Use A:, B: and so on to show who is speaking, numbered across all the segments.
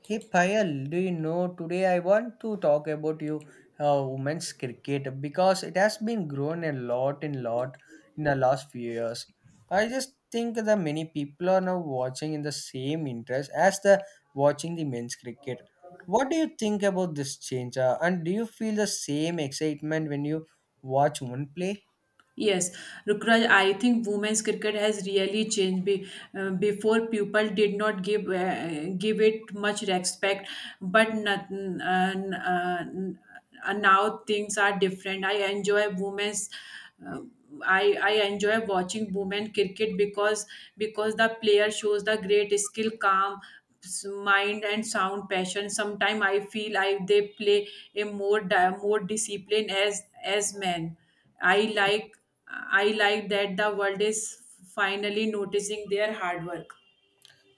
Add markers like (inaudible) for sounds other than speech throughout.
A: Hey Payal, do you know today I want to talk about you women's cricket because it has been grown a lot in the last few years. I just think that many people are now watching in the same interest as the watching the men's cricket. What do you think about this change, and do you feel the same excitement when you watch one play?
B: Yes, Rukraj, I think women's cricket has really changed. Before, people did not give give it much respect, but not, now things are different. I enjoy women's. Uh, I enjoy watching women cricket because the player shows the great skill, mind and sound passion. Sometimes I feel I they play a more discipline as men. I like I like that the world is finally noticing their hard work.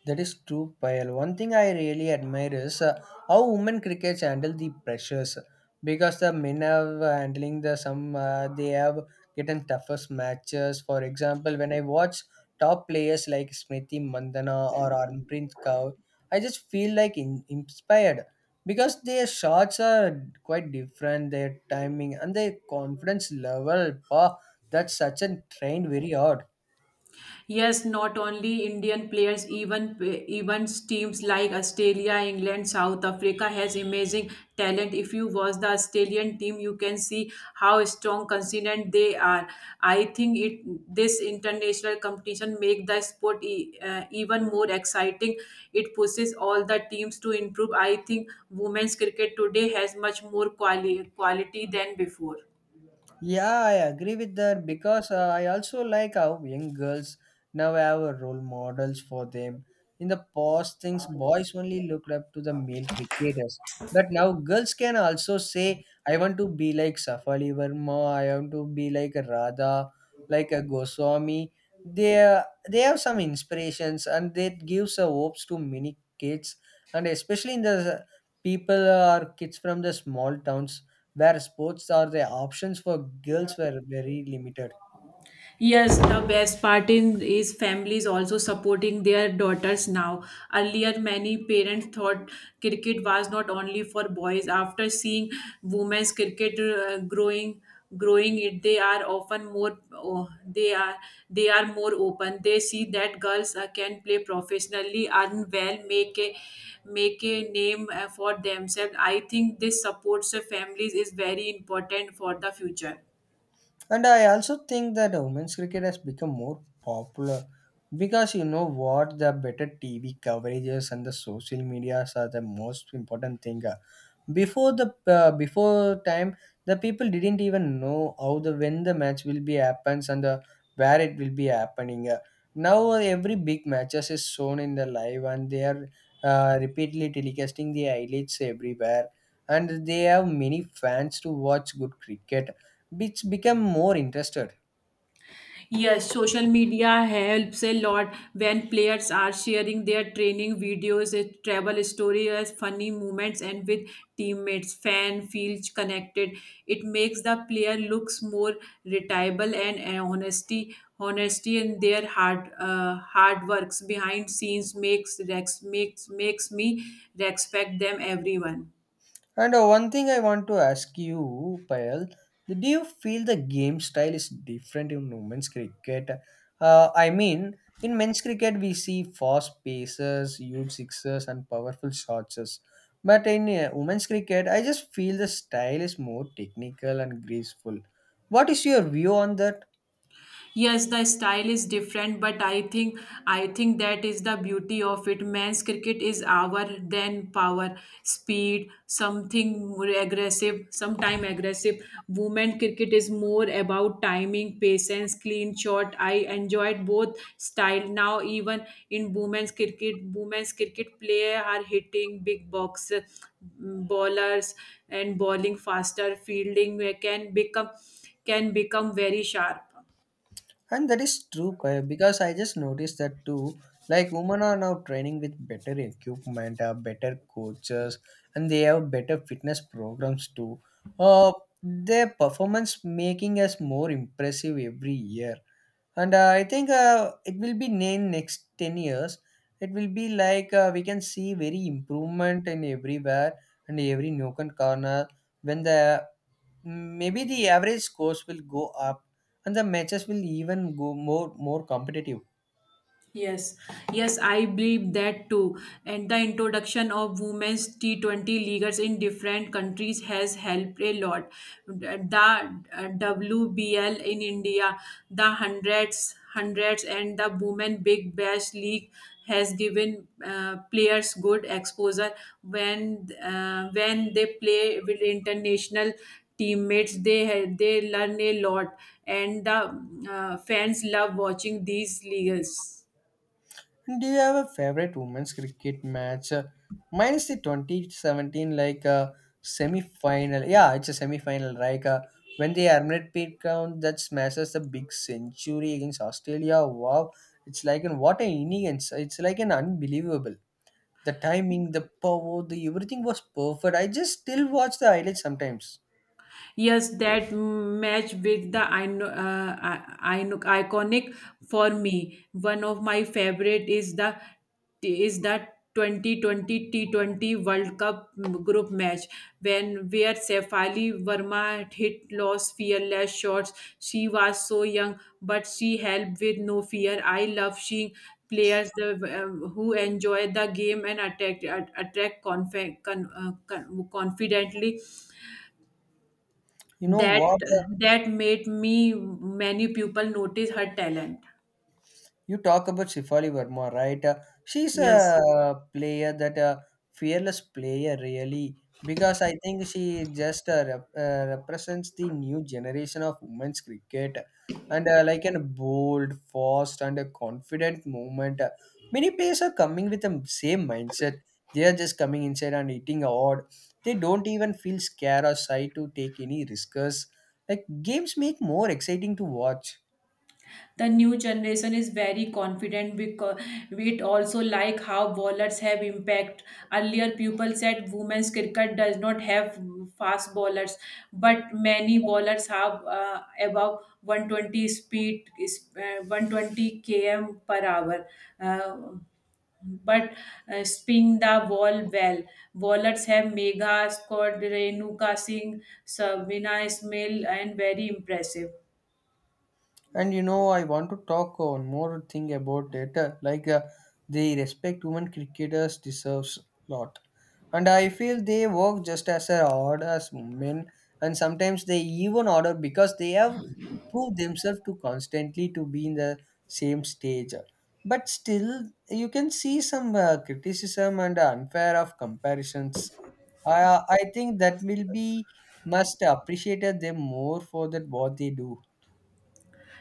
A: That is true, Payal. One thing I really admire is how women crickets handle the pressures because the men have handling the some they have gotten toughest matches. For example, when I watch top players like Smriti Mandana or Armpreet Kaur, I just feel like inspired because their shots are quite different, their timing and their confidence level. Wow, that's such a trained very hard.
B: Yes, not only Indian players, even teams like Australia, England, South Africa has amazing talent. If you watch the Australian team, you can see how strong, consistent they are. I think it this international competition make the sport even more exciting. It pushes all the teams to improve. I think women's cricket today has much more quality than before.
A: Yeah, I agree with that because I also like how young girls now have a role models for them. In the past, things boys only looked up to the male cricketers, but now girls can also say, "I want to be like Safali Verma. I want to be like a Radha, like a Goswami." They are- they have some inspirations and that gives a hopes to many kids, and especially in the people or kids from the small towns where sports or the options for girls were very limited.
B: Yes, the best part in is families also supporting their daughters now. Earlier, many parents thought cricket was not only for boys. After seeing women's cricket growing it, they are often more. Oh, they are more open. They see that girls can play professionally, earn well, make a name for themselves. I think this supports the families is very important for the future.
A: And I also think that women's cricket has become more popular because you know what the better TV coverages and the social medias are the most important thing. Before the before time, the people didn't even know how the when the match will be happens and the where it will be happening. Now every big matches is shown in the live and they are repeatedly telecasting the highlights everywhere and they have many fans to watch good cricket which became more interested.
B: Yes, social media helps a lot when players are sharing their training videos, travel stories, funny moments, and with teammates. Fan feels connected. It makes the player looks more reliable and honesty in their hard works behind scenes makes rex makes makes me respect them everyone.
A: And one thing I want to ask you, Payal, do you feel the game style is different in women's cricket? I mean, in men's cricket, we see fast paces, huge sixes, and powerful shots. But in women's cricket, I just feel the style is more technical and graceful. What is your view on that?
B: Yes, the style is different, but I think that is the beauty of it. Men's cricket is our then power speed, something more aggressive, sometime aggressive. Women cricket is more about timing, patience, clean shot. I enjoyed both style. Now even in women's cricket, player are hitting big box, bowlers and bowling faster, fielding can become very sharp.
A: And that is true because I just noticed that too. Like women are now training with better equipment, better coaches, and they have better fitness programs too. Uh, their performance making us more impressive every year. And I think it will be in next ten years. It will be like we can see very improvement in everywhere and every nook and corner when the maybe the average scores will go up and the matches will even go more competitive
B: Yes, yes, I believe that too. And the introduction of women's T20 leagues in different countries has helped a lot. The WBL in India, the hundreds, and the women big bash league has given players good exposure when they play with international teammates. They learn a lot, and the fans love watching these leagues.
A: and do you have a favorite women's cricket match minus the 2017 like a semi-final, yeah, it's a semi-final. Right, when the Armit Pete count that smashes the big century against Australia, wow, it's like an what an innings, it's like an unbelievable, the timing the power the everything was perfect. I just still watch the highlights sometimes.
B: Yes, that match with the iconic for me. One of my favorite is the 2020 T20 World Cup group match when where Sefali Verma hit loss fearless shots. She was so young, but she helped with no fear. I love seeing players who enjoy the game and attack attract confidently
A: You know
B: that
A: what?
B: that made me many people notice her talent.
A: You talk about Shefali Verma, right? She's
B: Yes,
A: a player that a fearless player, really, because I think she just represents the new generation of women's cricket, and like a bold, fast, and a confident movement. Many players are coming with the same mindset. They are just coming inside and eating hard. They don't even feel scared or shy to take any risks. Like games make more exciting to watch.
B: the new generation is very confident because it also like how bowlers have impact. Earlier people said women's cricket does not have fast bowlers, but many bowlers have above 120 speed is 120 km per hour, uh, but spin the ball well. Bowlers have Megha scored Renuka Singh, Sabina Ismail, and very impressive.
A: And you know, I want to talk on more thing about it. Like the respect women cricketers deserves lot, and I feel they work just as hard as men, and sometimes they even harder because they have to prove themselves to constantly to be in the same stage. But still, you can see some criticism and unfair of comparisons. I I think that will be must appreciated them more for that what they do.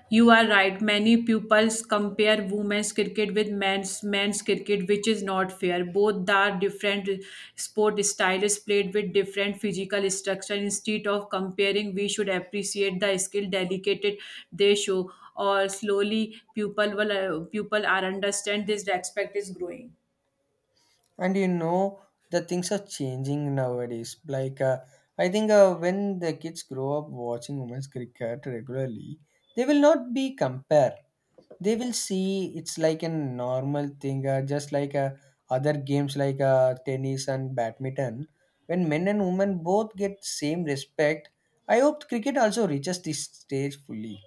B: You are right. Many pupils compare women's cricket with men's cricket, which is not fair. Both are different sport styles played with different physical structure. Instead of comparing, we should appreciate the skill dedicated they show, or slowly pupil are understand this respect is growing.
A: And you know the things are changing nowadays like I think when the kids grow up watching women's cricket regularly they will not be compare, they will see it's like a normal thing just like other games like tennis and badminton when men and women both get same respect. I hope cricket also reaches this stage fully.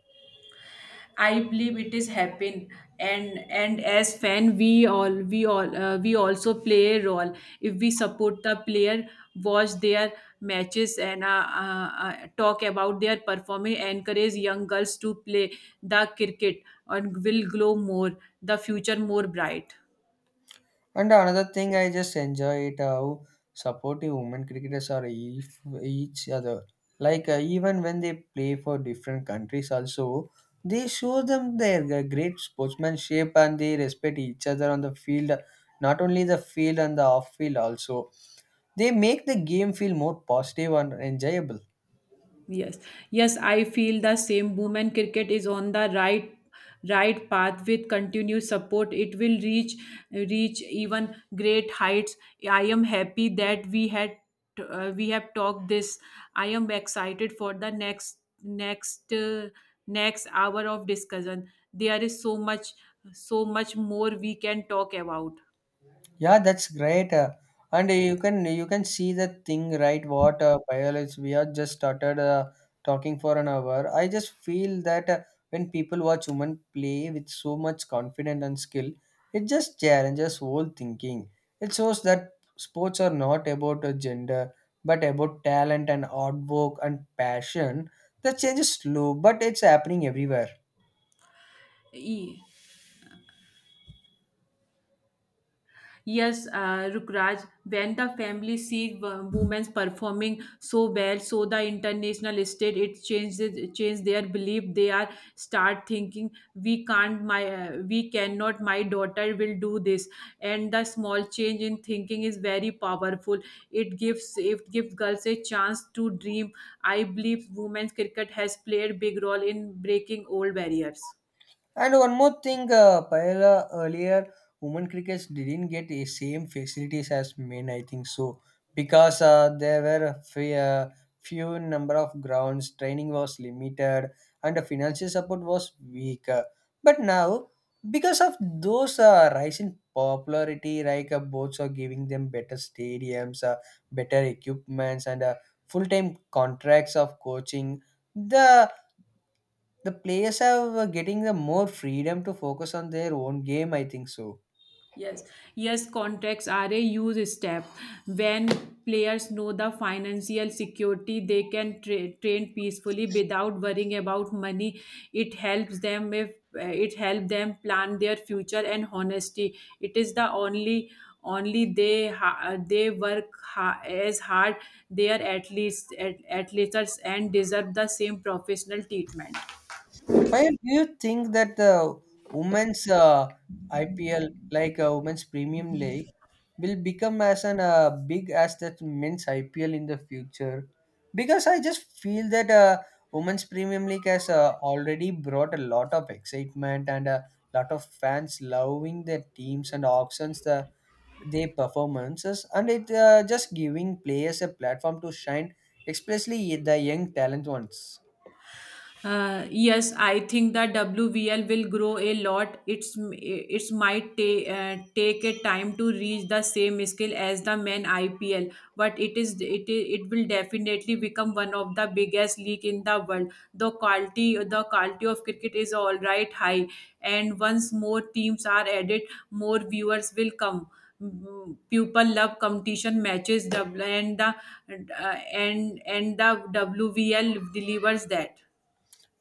B: I believe it is happen, and as fan we also play a role if we support the player, watch their matches, and talk about their performance, encourage young girls to play the cricket, and will grow more the future more bright.
A: And another thing I just enjoy it how supportive women cricketers are if, each other. Like even when they play for different countries, also they show them their great sportsmanship and they respect each other on the field. Not only the field and the off field, also they make the game feel more positive and enjoyable.
B: Yes, yes, I feel the same. Women cricket is on the right path with continued support. It will reach even great heights. I am happy that we have talked this. I am excited for the next hour of discussion. There is so much more we can talk about.
A: Yeah, that's great. And you can see the thing right. What biology we are just started talking for an hour. I just feel that when people watch women play with so much confidence and skill, it just challenges whole thinking. It shows that sports are not about a gender, but about talent and hard work and passion. The change is slow, but it's happening everywhere.
B: E- Yes, Rukraj, when the family see women performing so well, so the international state, it change their belief. They are start thinking we can't my we cannot my daughter will do this, and the small change in thinking is very powerful. It gives girls a chance to dream. I believe women's cricket has played big role in breaking old barriers.
A: And one more thing, Payala, earlier women crickets didn't get the same facilities as men. I think so because there were a few number of grounds, training was limited, and the financial support was weak. But now, because of those rise in popularity, like boats are giving them better stadiums, better equipments, and full-time contracts of coaching. The the players are getting the more freedom to focus on their own game. I think so.
B: Yes, yes, contracts are a huge step. When players know the financial security, they can train peacefully without worrying about money. It helps them if it helps them plan their future and honesty. It is the only they work as hard. They are at least and deserve the same professional treatment.
A: Payal, do you think that the women's IPL, like women's premium league, will become as an big as that men's IPL in the future? Because I just feel that women's premium league has already brought a lot of excitement and a lot of fans loving their teams and auctions. The their performances and it just giving players a platform to shine, especially the young talent ones.
B: Yes, I think that WVL will grow a lot. It's might take a time to reach the same scale as the main IPL, but it is it I- it will definitely become one of the biggest league in the world. The quality of cricket is all right high, and once more teams are added, more viewers will come. People love competition matches, and uh, and the WVL delivers that.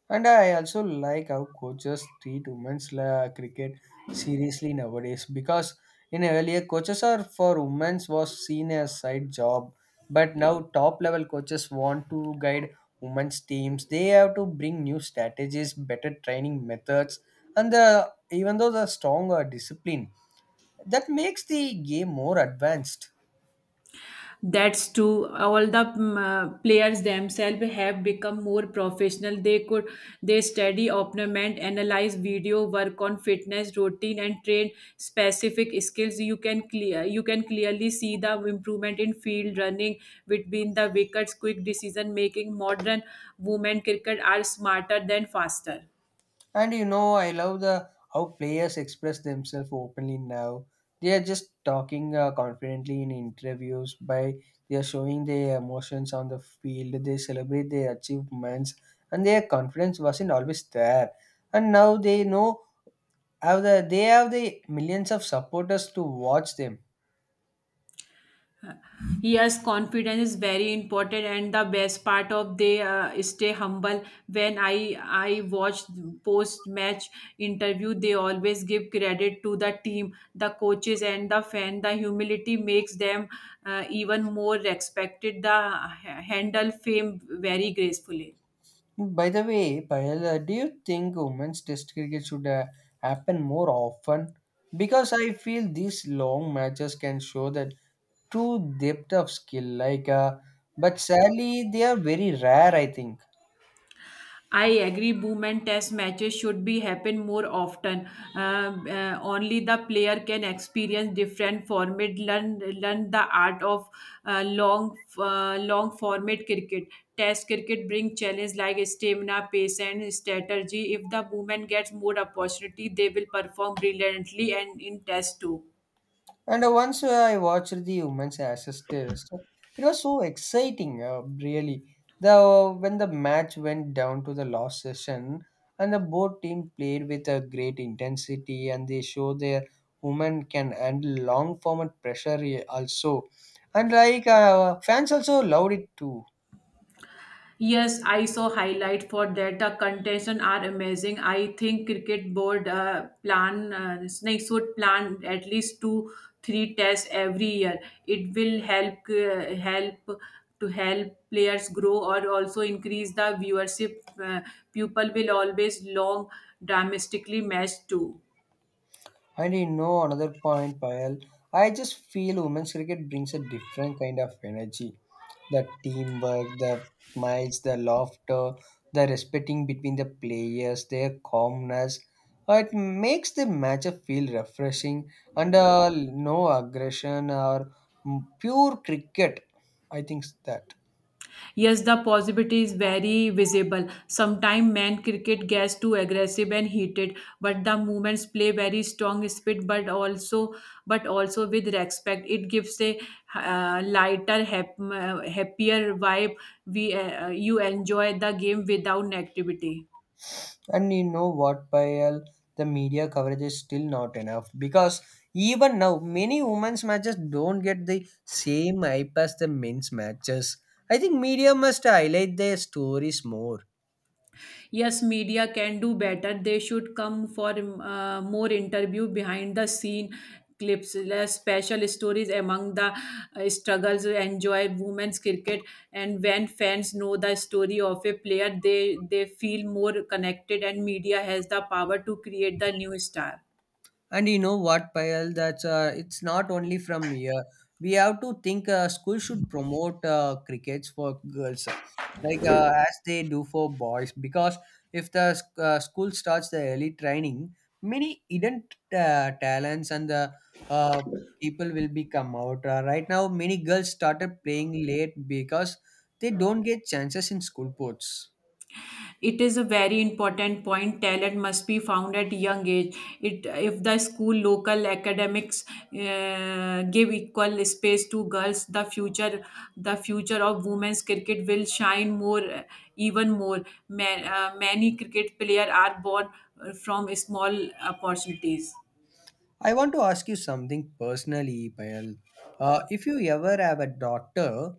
A: And I also like how coaches treat women's cricket seriously nowadays because in earlier coaches are for women's was seen as side job, but now top level coaches want to guide women's teams. They have to bring new strategies, better training methods, and the even though the stronger discipline, that makes the game more advanced.
B: That's true. All the players themselves have become more professional. They study opponent, analyze video, work on fitness routine, and train specific skills. You can clearly see the improvement in field running between the wickets, quick decision making. Modern women cricket are smarter than faster.
A: And you know, I love the how players express themselves openly now. They are just talking confidently in interviews by they are showing their emotions on the field. They celebrate their achievements, and their confidence wasn't always there. And now they have the millions of supporters to watch them.
B: Yes, confidence is very important, and the best part of they stay humble. When I watch post match interview, they always give credit to the team, the coaches, and the fan. The humility makes them even more respected. The handle fame very gracefully.
A: By the way, Payal, do you think women's test cricket should happen more often? Because I feel these long matches can show that true depth of skill like but sadly they are very rare, I think.
B: I agree. Boom and test matches should be happen more often. Only the player can experience different format, learn the art of long format cricket. Test cricket bring challenge like stamina, pace, and strategy. If the woman gets more opportunity, they will perform brilliantly and in test too.
A: And once I watched the women's ashes test, it was so exciting, really, the when the match went down to the last session and the both team played with a great intensity and they show their women can handle long format pressure also, and like fans also loved it too.
B: Yes, I saw highlight for that. The contention are amazing. I think cricket board should plan at least two three tests every year. It will help to help players grow, or also increase the viewership. People will always long domestically match too.
A: And you know another point, Payal. I just feel women's cricket brings a different kind of energy. The teamwork, the smiles, the laughter, the respecting between the players, their calmness. It makes the match feel refreshing and no aggression or pure cricket. I think that.
B: Yes, the positivity is very visible. Sometimes men cricket gets too aggressive and heated, but the movements play very strong speed, but also with respect. It gives a lighter, happier vibe. We You enjoy the game without negativity.
A: And you know what, Payal? The media coverage is still not enough because even now, many women's matches don't get the same hype as the men's matches. I think media must highlight their stories more.
B: Yes, media can do better. They should come for more interview behind the scene clips, less special stories among the struggles, enjoy women's cricket. And when fans know the story of a player, they feel more connected, and media has the power to create the new star.
A: And you know what, Payal? That's it's not only from here. We have to think school should promote crickets for girls, like as they do for boys. Because if the school starts the early training, many hidden talents and the uh, people will be come out. Right now, many girls started playing late because they don't get chances in school sports.
B: It is a very important point. Talent must be found at young age. It If the school local academics give equal space to girls, the future of women's cricket will shine more, even more. Many cricket players are born from small opportunities.
A: I want to ask you something personally, Payal. If you ever have a daughter,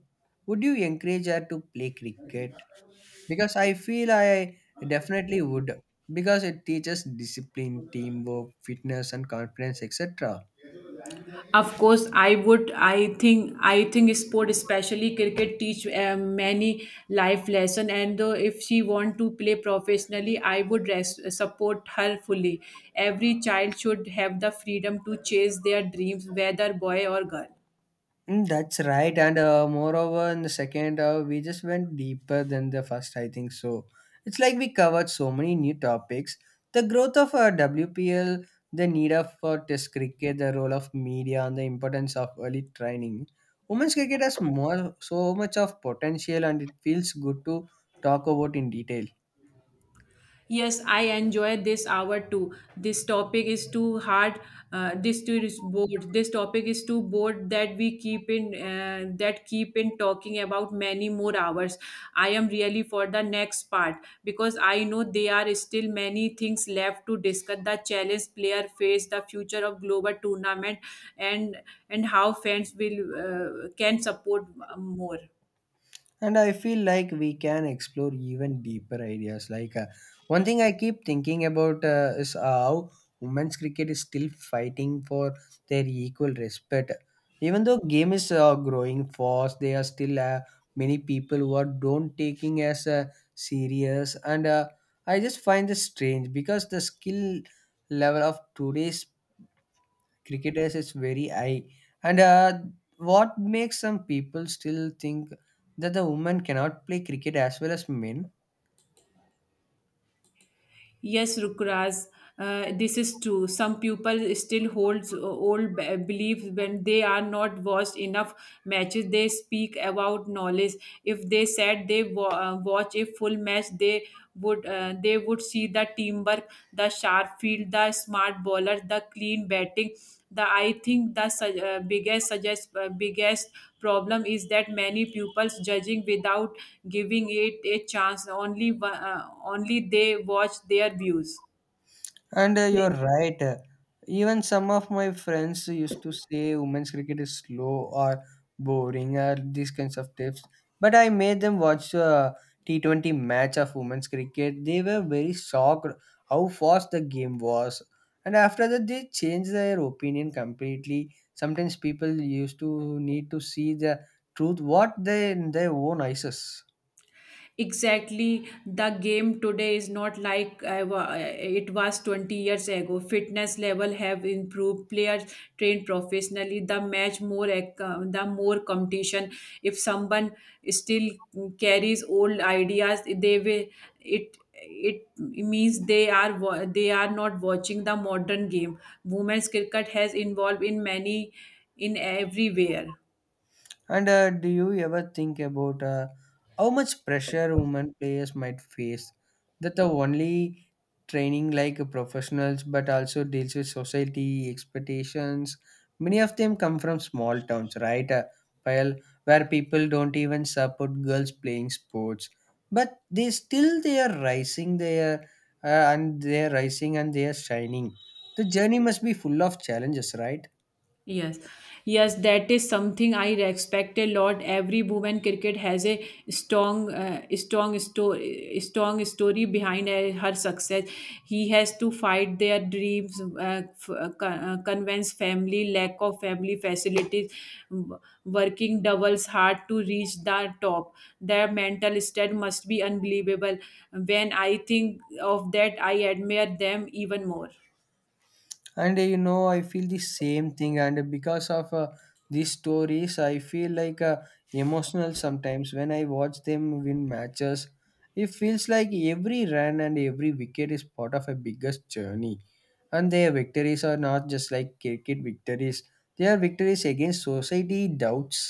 A: would you encourage her to play cricket? Because I feel I definitely would, because it teaches discipline, teamwork, fitness, and confidence, etc.
B: Of course, I would. I think sport, especially cricket, teach many life lesson. And if she want to play professionally, I would support her fully. Every child should have the freedom to chase their dreams, whether boy or girl.
A: Mm, that's right. And moreover, in the second, we just went deeper than the first, I think so. It's like we covered so many new topics, the growth of WPL, the need of for test cricket, the role of media, and the importance of early training. Women's cricket has more so much of potential, and it feels good to talk about in detail.
B: Yes, I enjoy this hour too. This topic is too hard. This too is bored. This topic is too bored that we keep in that keep in talking about many more hours. I am really for the next part because I know there are still many things left to discuss. The challenge player face, the future of global tournament, and how fans will can support more.
A: And I feel like we can explore even deeper ideas. One thing I keep thinking about is how women's cricket is still fighting for their equal respect. Even though game is growing fast, there are still many people who are don't taking as serious. And I just find this strange because the skill level of today's cricketers is very high. And What makes some people still think that the women cannot play cricket as well as men?
B: Yes, Rukraj, this is true. Some people still holds old beliefs when they are not watched enough matches. They speak about knowledge. If they said they watch a full match, they would see the team number, the sharp field, the smart bowler, the clean batting. The I think the biggest problem is that many pupils judging without giving it a chance. Only only they watch their views.
A: And You're right. Even some of my friends used to say women's cricket is slow or boring or these kinds of tips. But I made them watch a T20 match of women's cricket. They were very shocked how fast the game was. And after that, they changed their opinion completely. Sometimes people used to need to see the truth what they in their own eyes.
B: Exactly, the game today is not like it was 20 years ago. Fitness level have improved. Players train professionally. The match more the more competition. If someone still carries old ideas, they will it it means they are not watching the modern game. Women's cricket has involved in many in everywhere.
A: And Do you ever think about how much pressure women players might face? That the only training like professionals, but also deals with society expectations. Many of them come from small towns, right? While where people don't even support girls playing sports, but they still they are rising. They are and they are rising and they are shining. The journey must be full of challenges, right?
B: Yes, yes, that is something I respect a lot. Every woman cricket has a strong story behind her success. He has to fight their dreams, convince family, lack of family facilities, w- working doubles hard to reach the top. Their mental state must be unbelievable. When I think of that, I admire them even more.
A: And I feel the same thing, and because of these stories I feel like emotional sometimes when I watch them win matches. It feels like every run and every wicket is part of a biggest journey, and their victories are not just like cricket victories. They are victories against society doubts.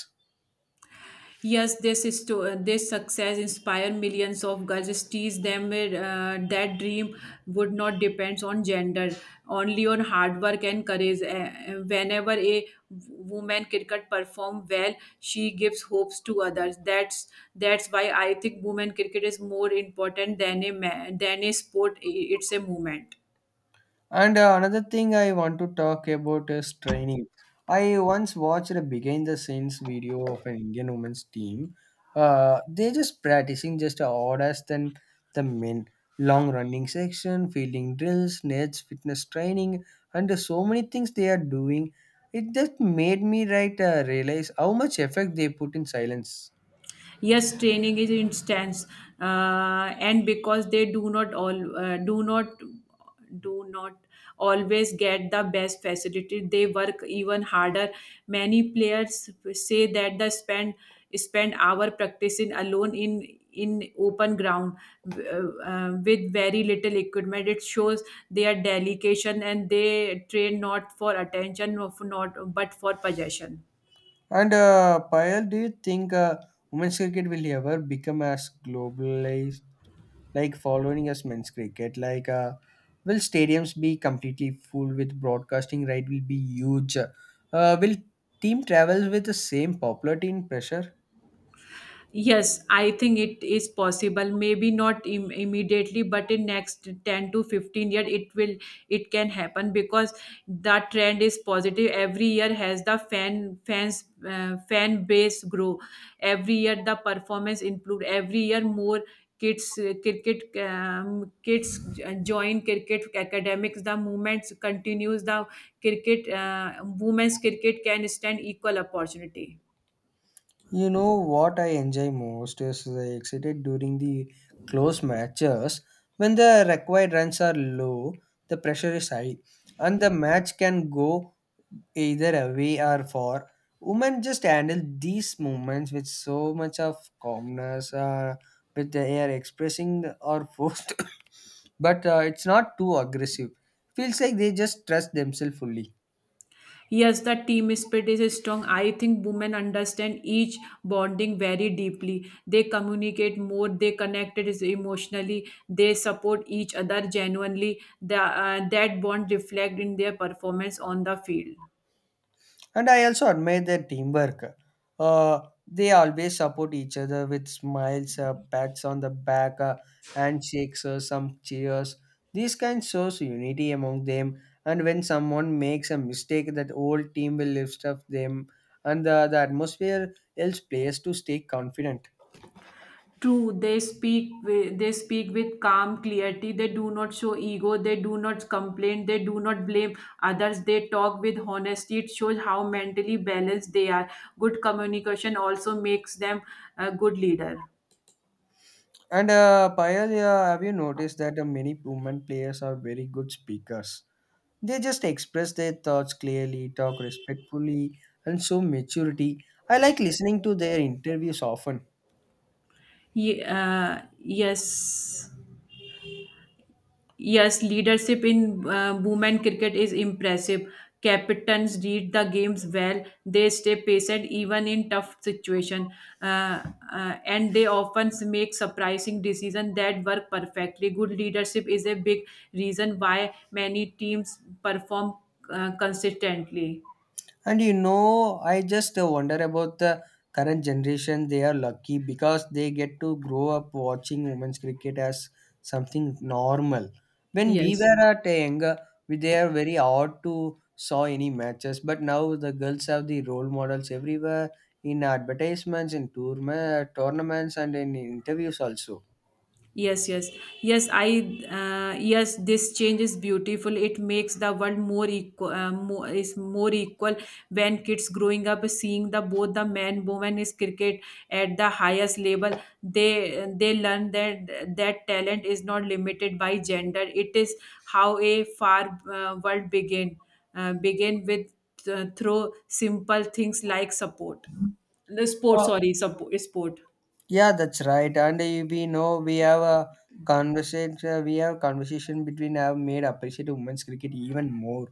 B: Yes, this is to this success inspire millions of girls. It teach them that dream would not depends on gender, only on hard work and courage. Whenever a woman cricket perform well, she gives hopes to others. That's why I think women cricket is more important than a sport. It's a movement.
A: And Another thing I want to talk about is training. I once watched a behind the scenes video of an Indian women's team. They're just practicing just orders than the men. Long running section, fielding drills, nets, fitness training, and so many things they are doing. It just made me realize how much effect they put in silence.
B: Yes, training is intense, uh, and because they do not do not always get the best facility, they work even harder. Many players say that they spend hour practicing alone in open ground, with very little equipment. It shows their dedication, and they train not for attention of not but for possession.
A: And Payal, do you think women's cricket will ever become as globalized? Like following us men's cricket? Will stadiums be completely full with broadcasting right? Will be huge. Will team travels with the same popularity and pressure?
B: Yes, I think it is possible. Maybe not immediately, but in next 10 to 15 year it can happen because the trend is positive. Every year has the fan base grow. Every year the performance improve. Every year more kids join cricket academics. The movements continues. The cricket Women's cricket can stand equal opportunity.
A: You know what I enjoy most is the excited during the close matches when the required runs are low, the pressure is high, and the match can go either away or for. Women just handle these moments with so much of calmness, with they are expressing or forced, (coughs) but it's not too aggressive. Feels like they just trust themselves fully.
B: Yes, the team spirit is strong. I think women understand each bonding very deeply. They communicate more, they connect it is emotionally, they support each other genuinely. That bond reflect in their performance on the field.
A: And I also admire their teamwork. Uh, they always support each other with smiles, pats on the back, handshakes, some cheers. These kinds shows unity among them. And when someone makes a mistake, that whole team will lift up them. And the atmosphere helps players to stay confident.
B: True, they speak with calm clarity. They do not show ego. They do not complain. They do not blame others. They talk with honesty. It shows how mentally balanced they are. Good communication also makes them a good leader.
A: And Payal, yeah, have you noticed that many women players are very good speakers? They just express their thoughts clearly, talk respectfully, and show maturity. I like listening to their interviews often.
B: Yes, yes, leadership in women cricket is impressive. Captains read the games well. They stay patient even in tough situation, uh, and they often make surprising decisions that work perfectly. Good leadership is a big reason why many teams perform consistently.
A: And you know, I just wonder about the current generation. They are lucky because they get to grow up watching women's cricket as something normal. When we
B: Yes.
A: were at a younger, we they are very odd to saw any matches. But now the girls have the role models everywhere, in advertisements, in tournaments, and in interviews also.
B: Yes, yes, yes. I Yes, this change is beautiful. It makes the world more equal. More is more equal when kids growing up seeing the both the man woman is cricket at the highest level. They learn that talent is not limited by gender. It is how a far world begin, begin with through simple things like support, the sport.
A: Uh,
B: Sorry, support sport.
A: Yeah, that's right. And We know we have a conversation. We have conversation between have made appreciate women's cricket even more.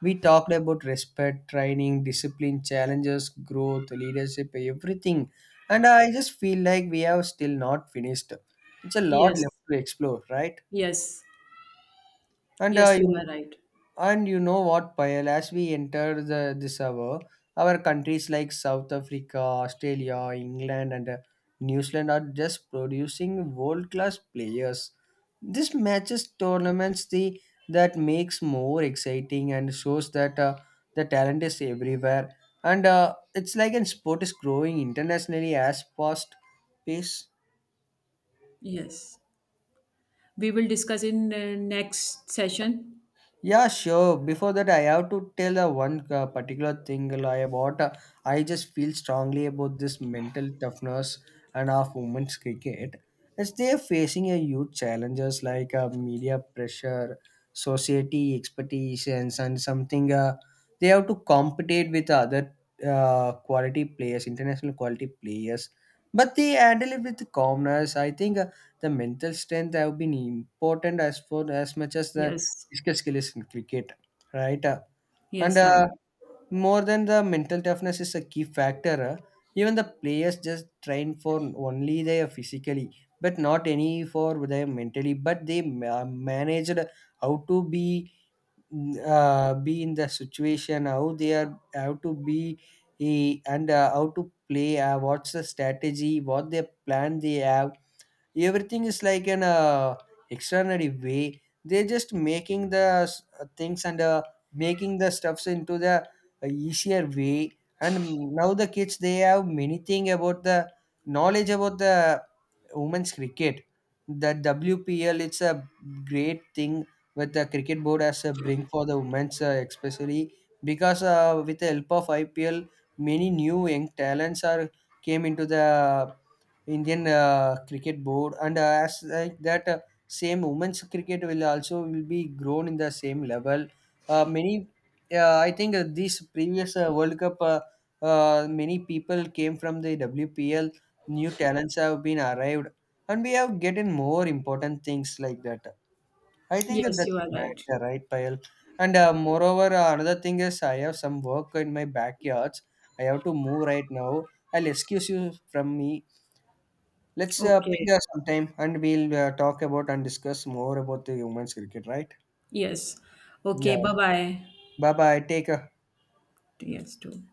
A: We talked about respect, training, discipline, challenges, growth, leadership, everything. And I just feel like we have still not finished. It's a lot
B: Yes,
A: left to explore, right?
B: yes.
A: And
B: Yes, you
A: you
B: are right.
A: and you know what, Payal, as we enter this hour, our countries like South Africa, Australia, England, and New Zealand are just producing world class players. This matches tournaments the that makes more exciting and shows that the talent is everywhere. And It's like an sport is growing internationally as fast pace.
B: Yes. We will discuss in next session.
A: Yeah, sure. Before that, I have to tell one particular thing about. I just feel strongly about this mental toughness and of women's cricket, as they are facing a huge challenges like media pressure, society expectations, and something. They have to compete with other quality players, international quality players, but they handle it with calmness. I think the mental strength have been important as for as much as the
B: Yes.
A: physical skill is in cricket, right? And
B: Yes, right.
A: More than the mental toughness is a key factor. Even the players just train for only their physically, but not any for their mentally. But they managed how to be in the situation, how they are, how to be, eh, and how to play. What's the strategy? What their plan they have, everything is like an extraordinary way. They're just making the things and making the stuffs into the easier way. And now the kids they have many thing about the knowledge about the women's cricket. The WPL, it's a great thing with the cricket board as a bring for the women's, especially because with the help of IPL, many new young talents are came into the Indian cricket board, and as like that, same women's cricket will also will be grown in the same level. Uh, many, I think, this previous World Cup. Many people came from the WPL. New talents have been arrived, and we have getting more important things like that. I think
B: Yes,
A: that's
B: you
A: a
B: are right.
A: matter, right, Payal? And Moreover, another thing is I have some work in my backyards. I have to move right now. I'll excuse you from me. Let's ping
B: Okay.
A: her sometime and we'll talk about and discuss more about the women's cricket, right?
B: Yes.
A: Yeah.
B: Okay. Bye bye.
A: Bye bye, take care.
B: Yes, too.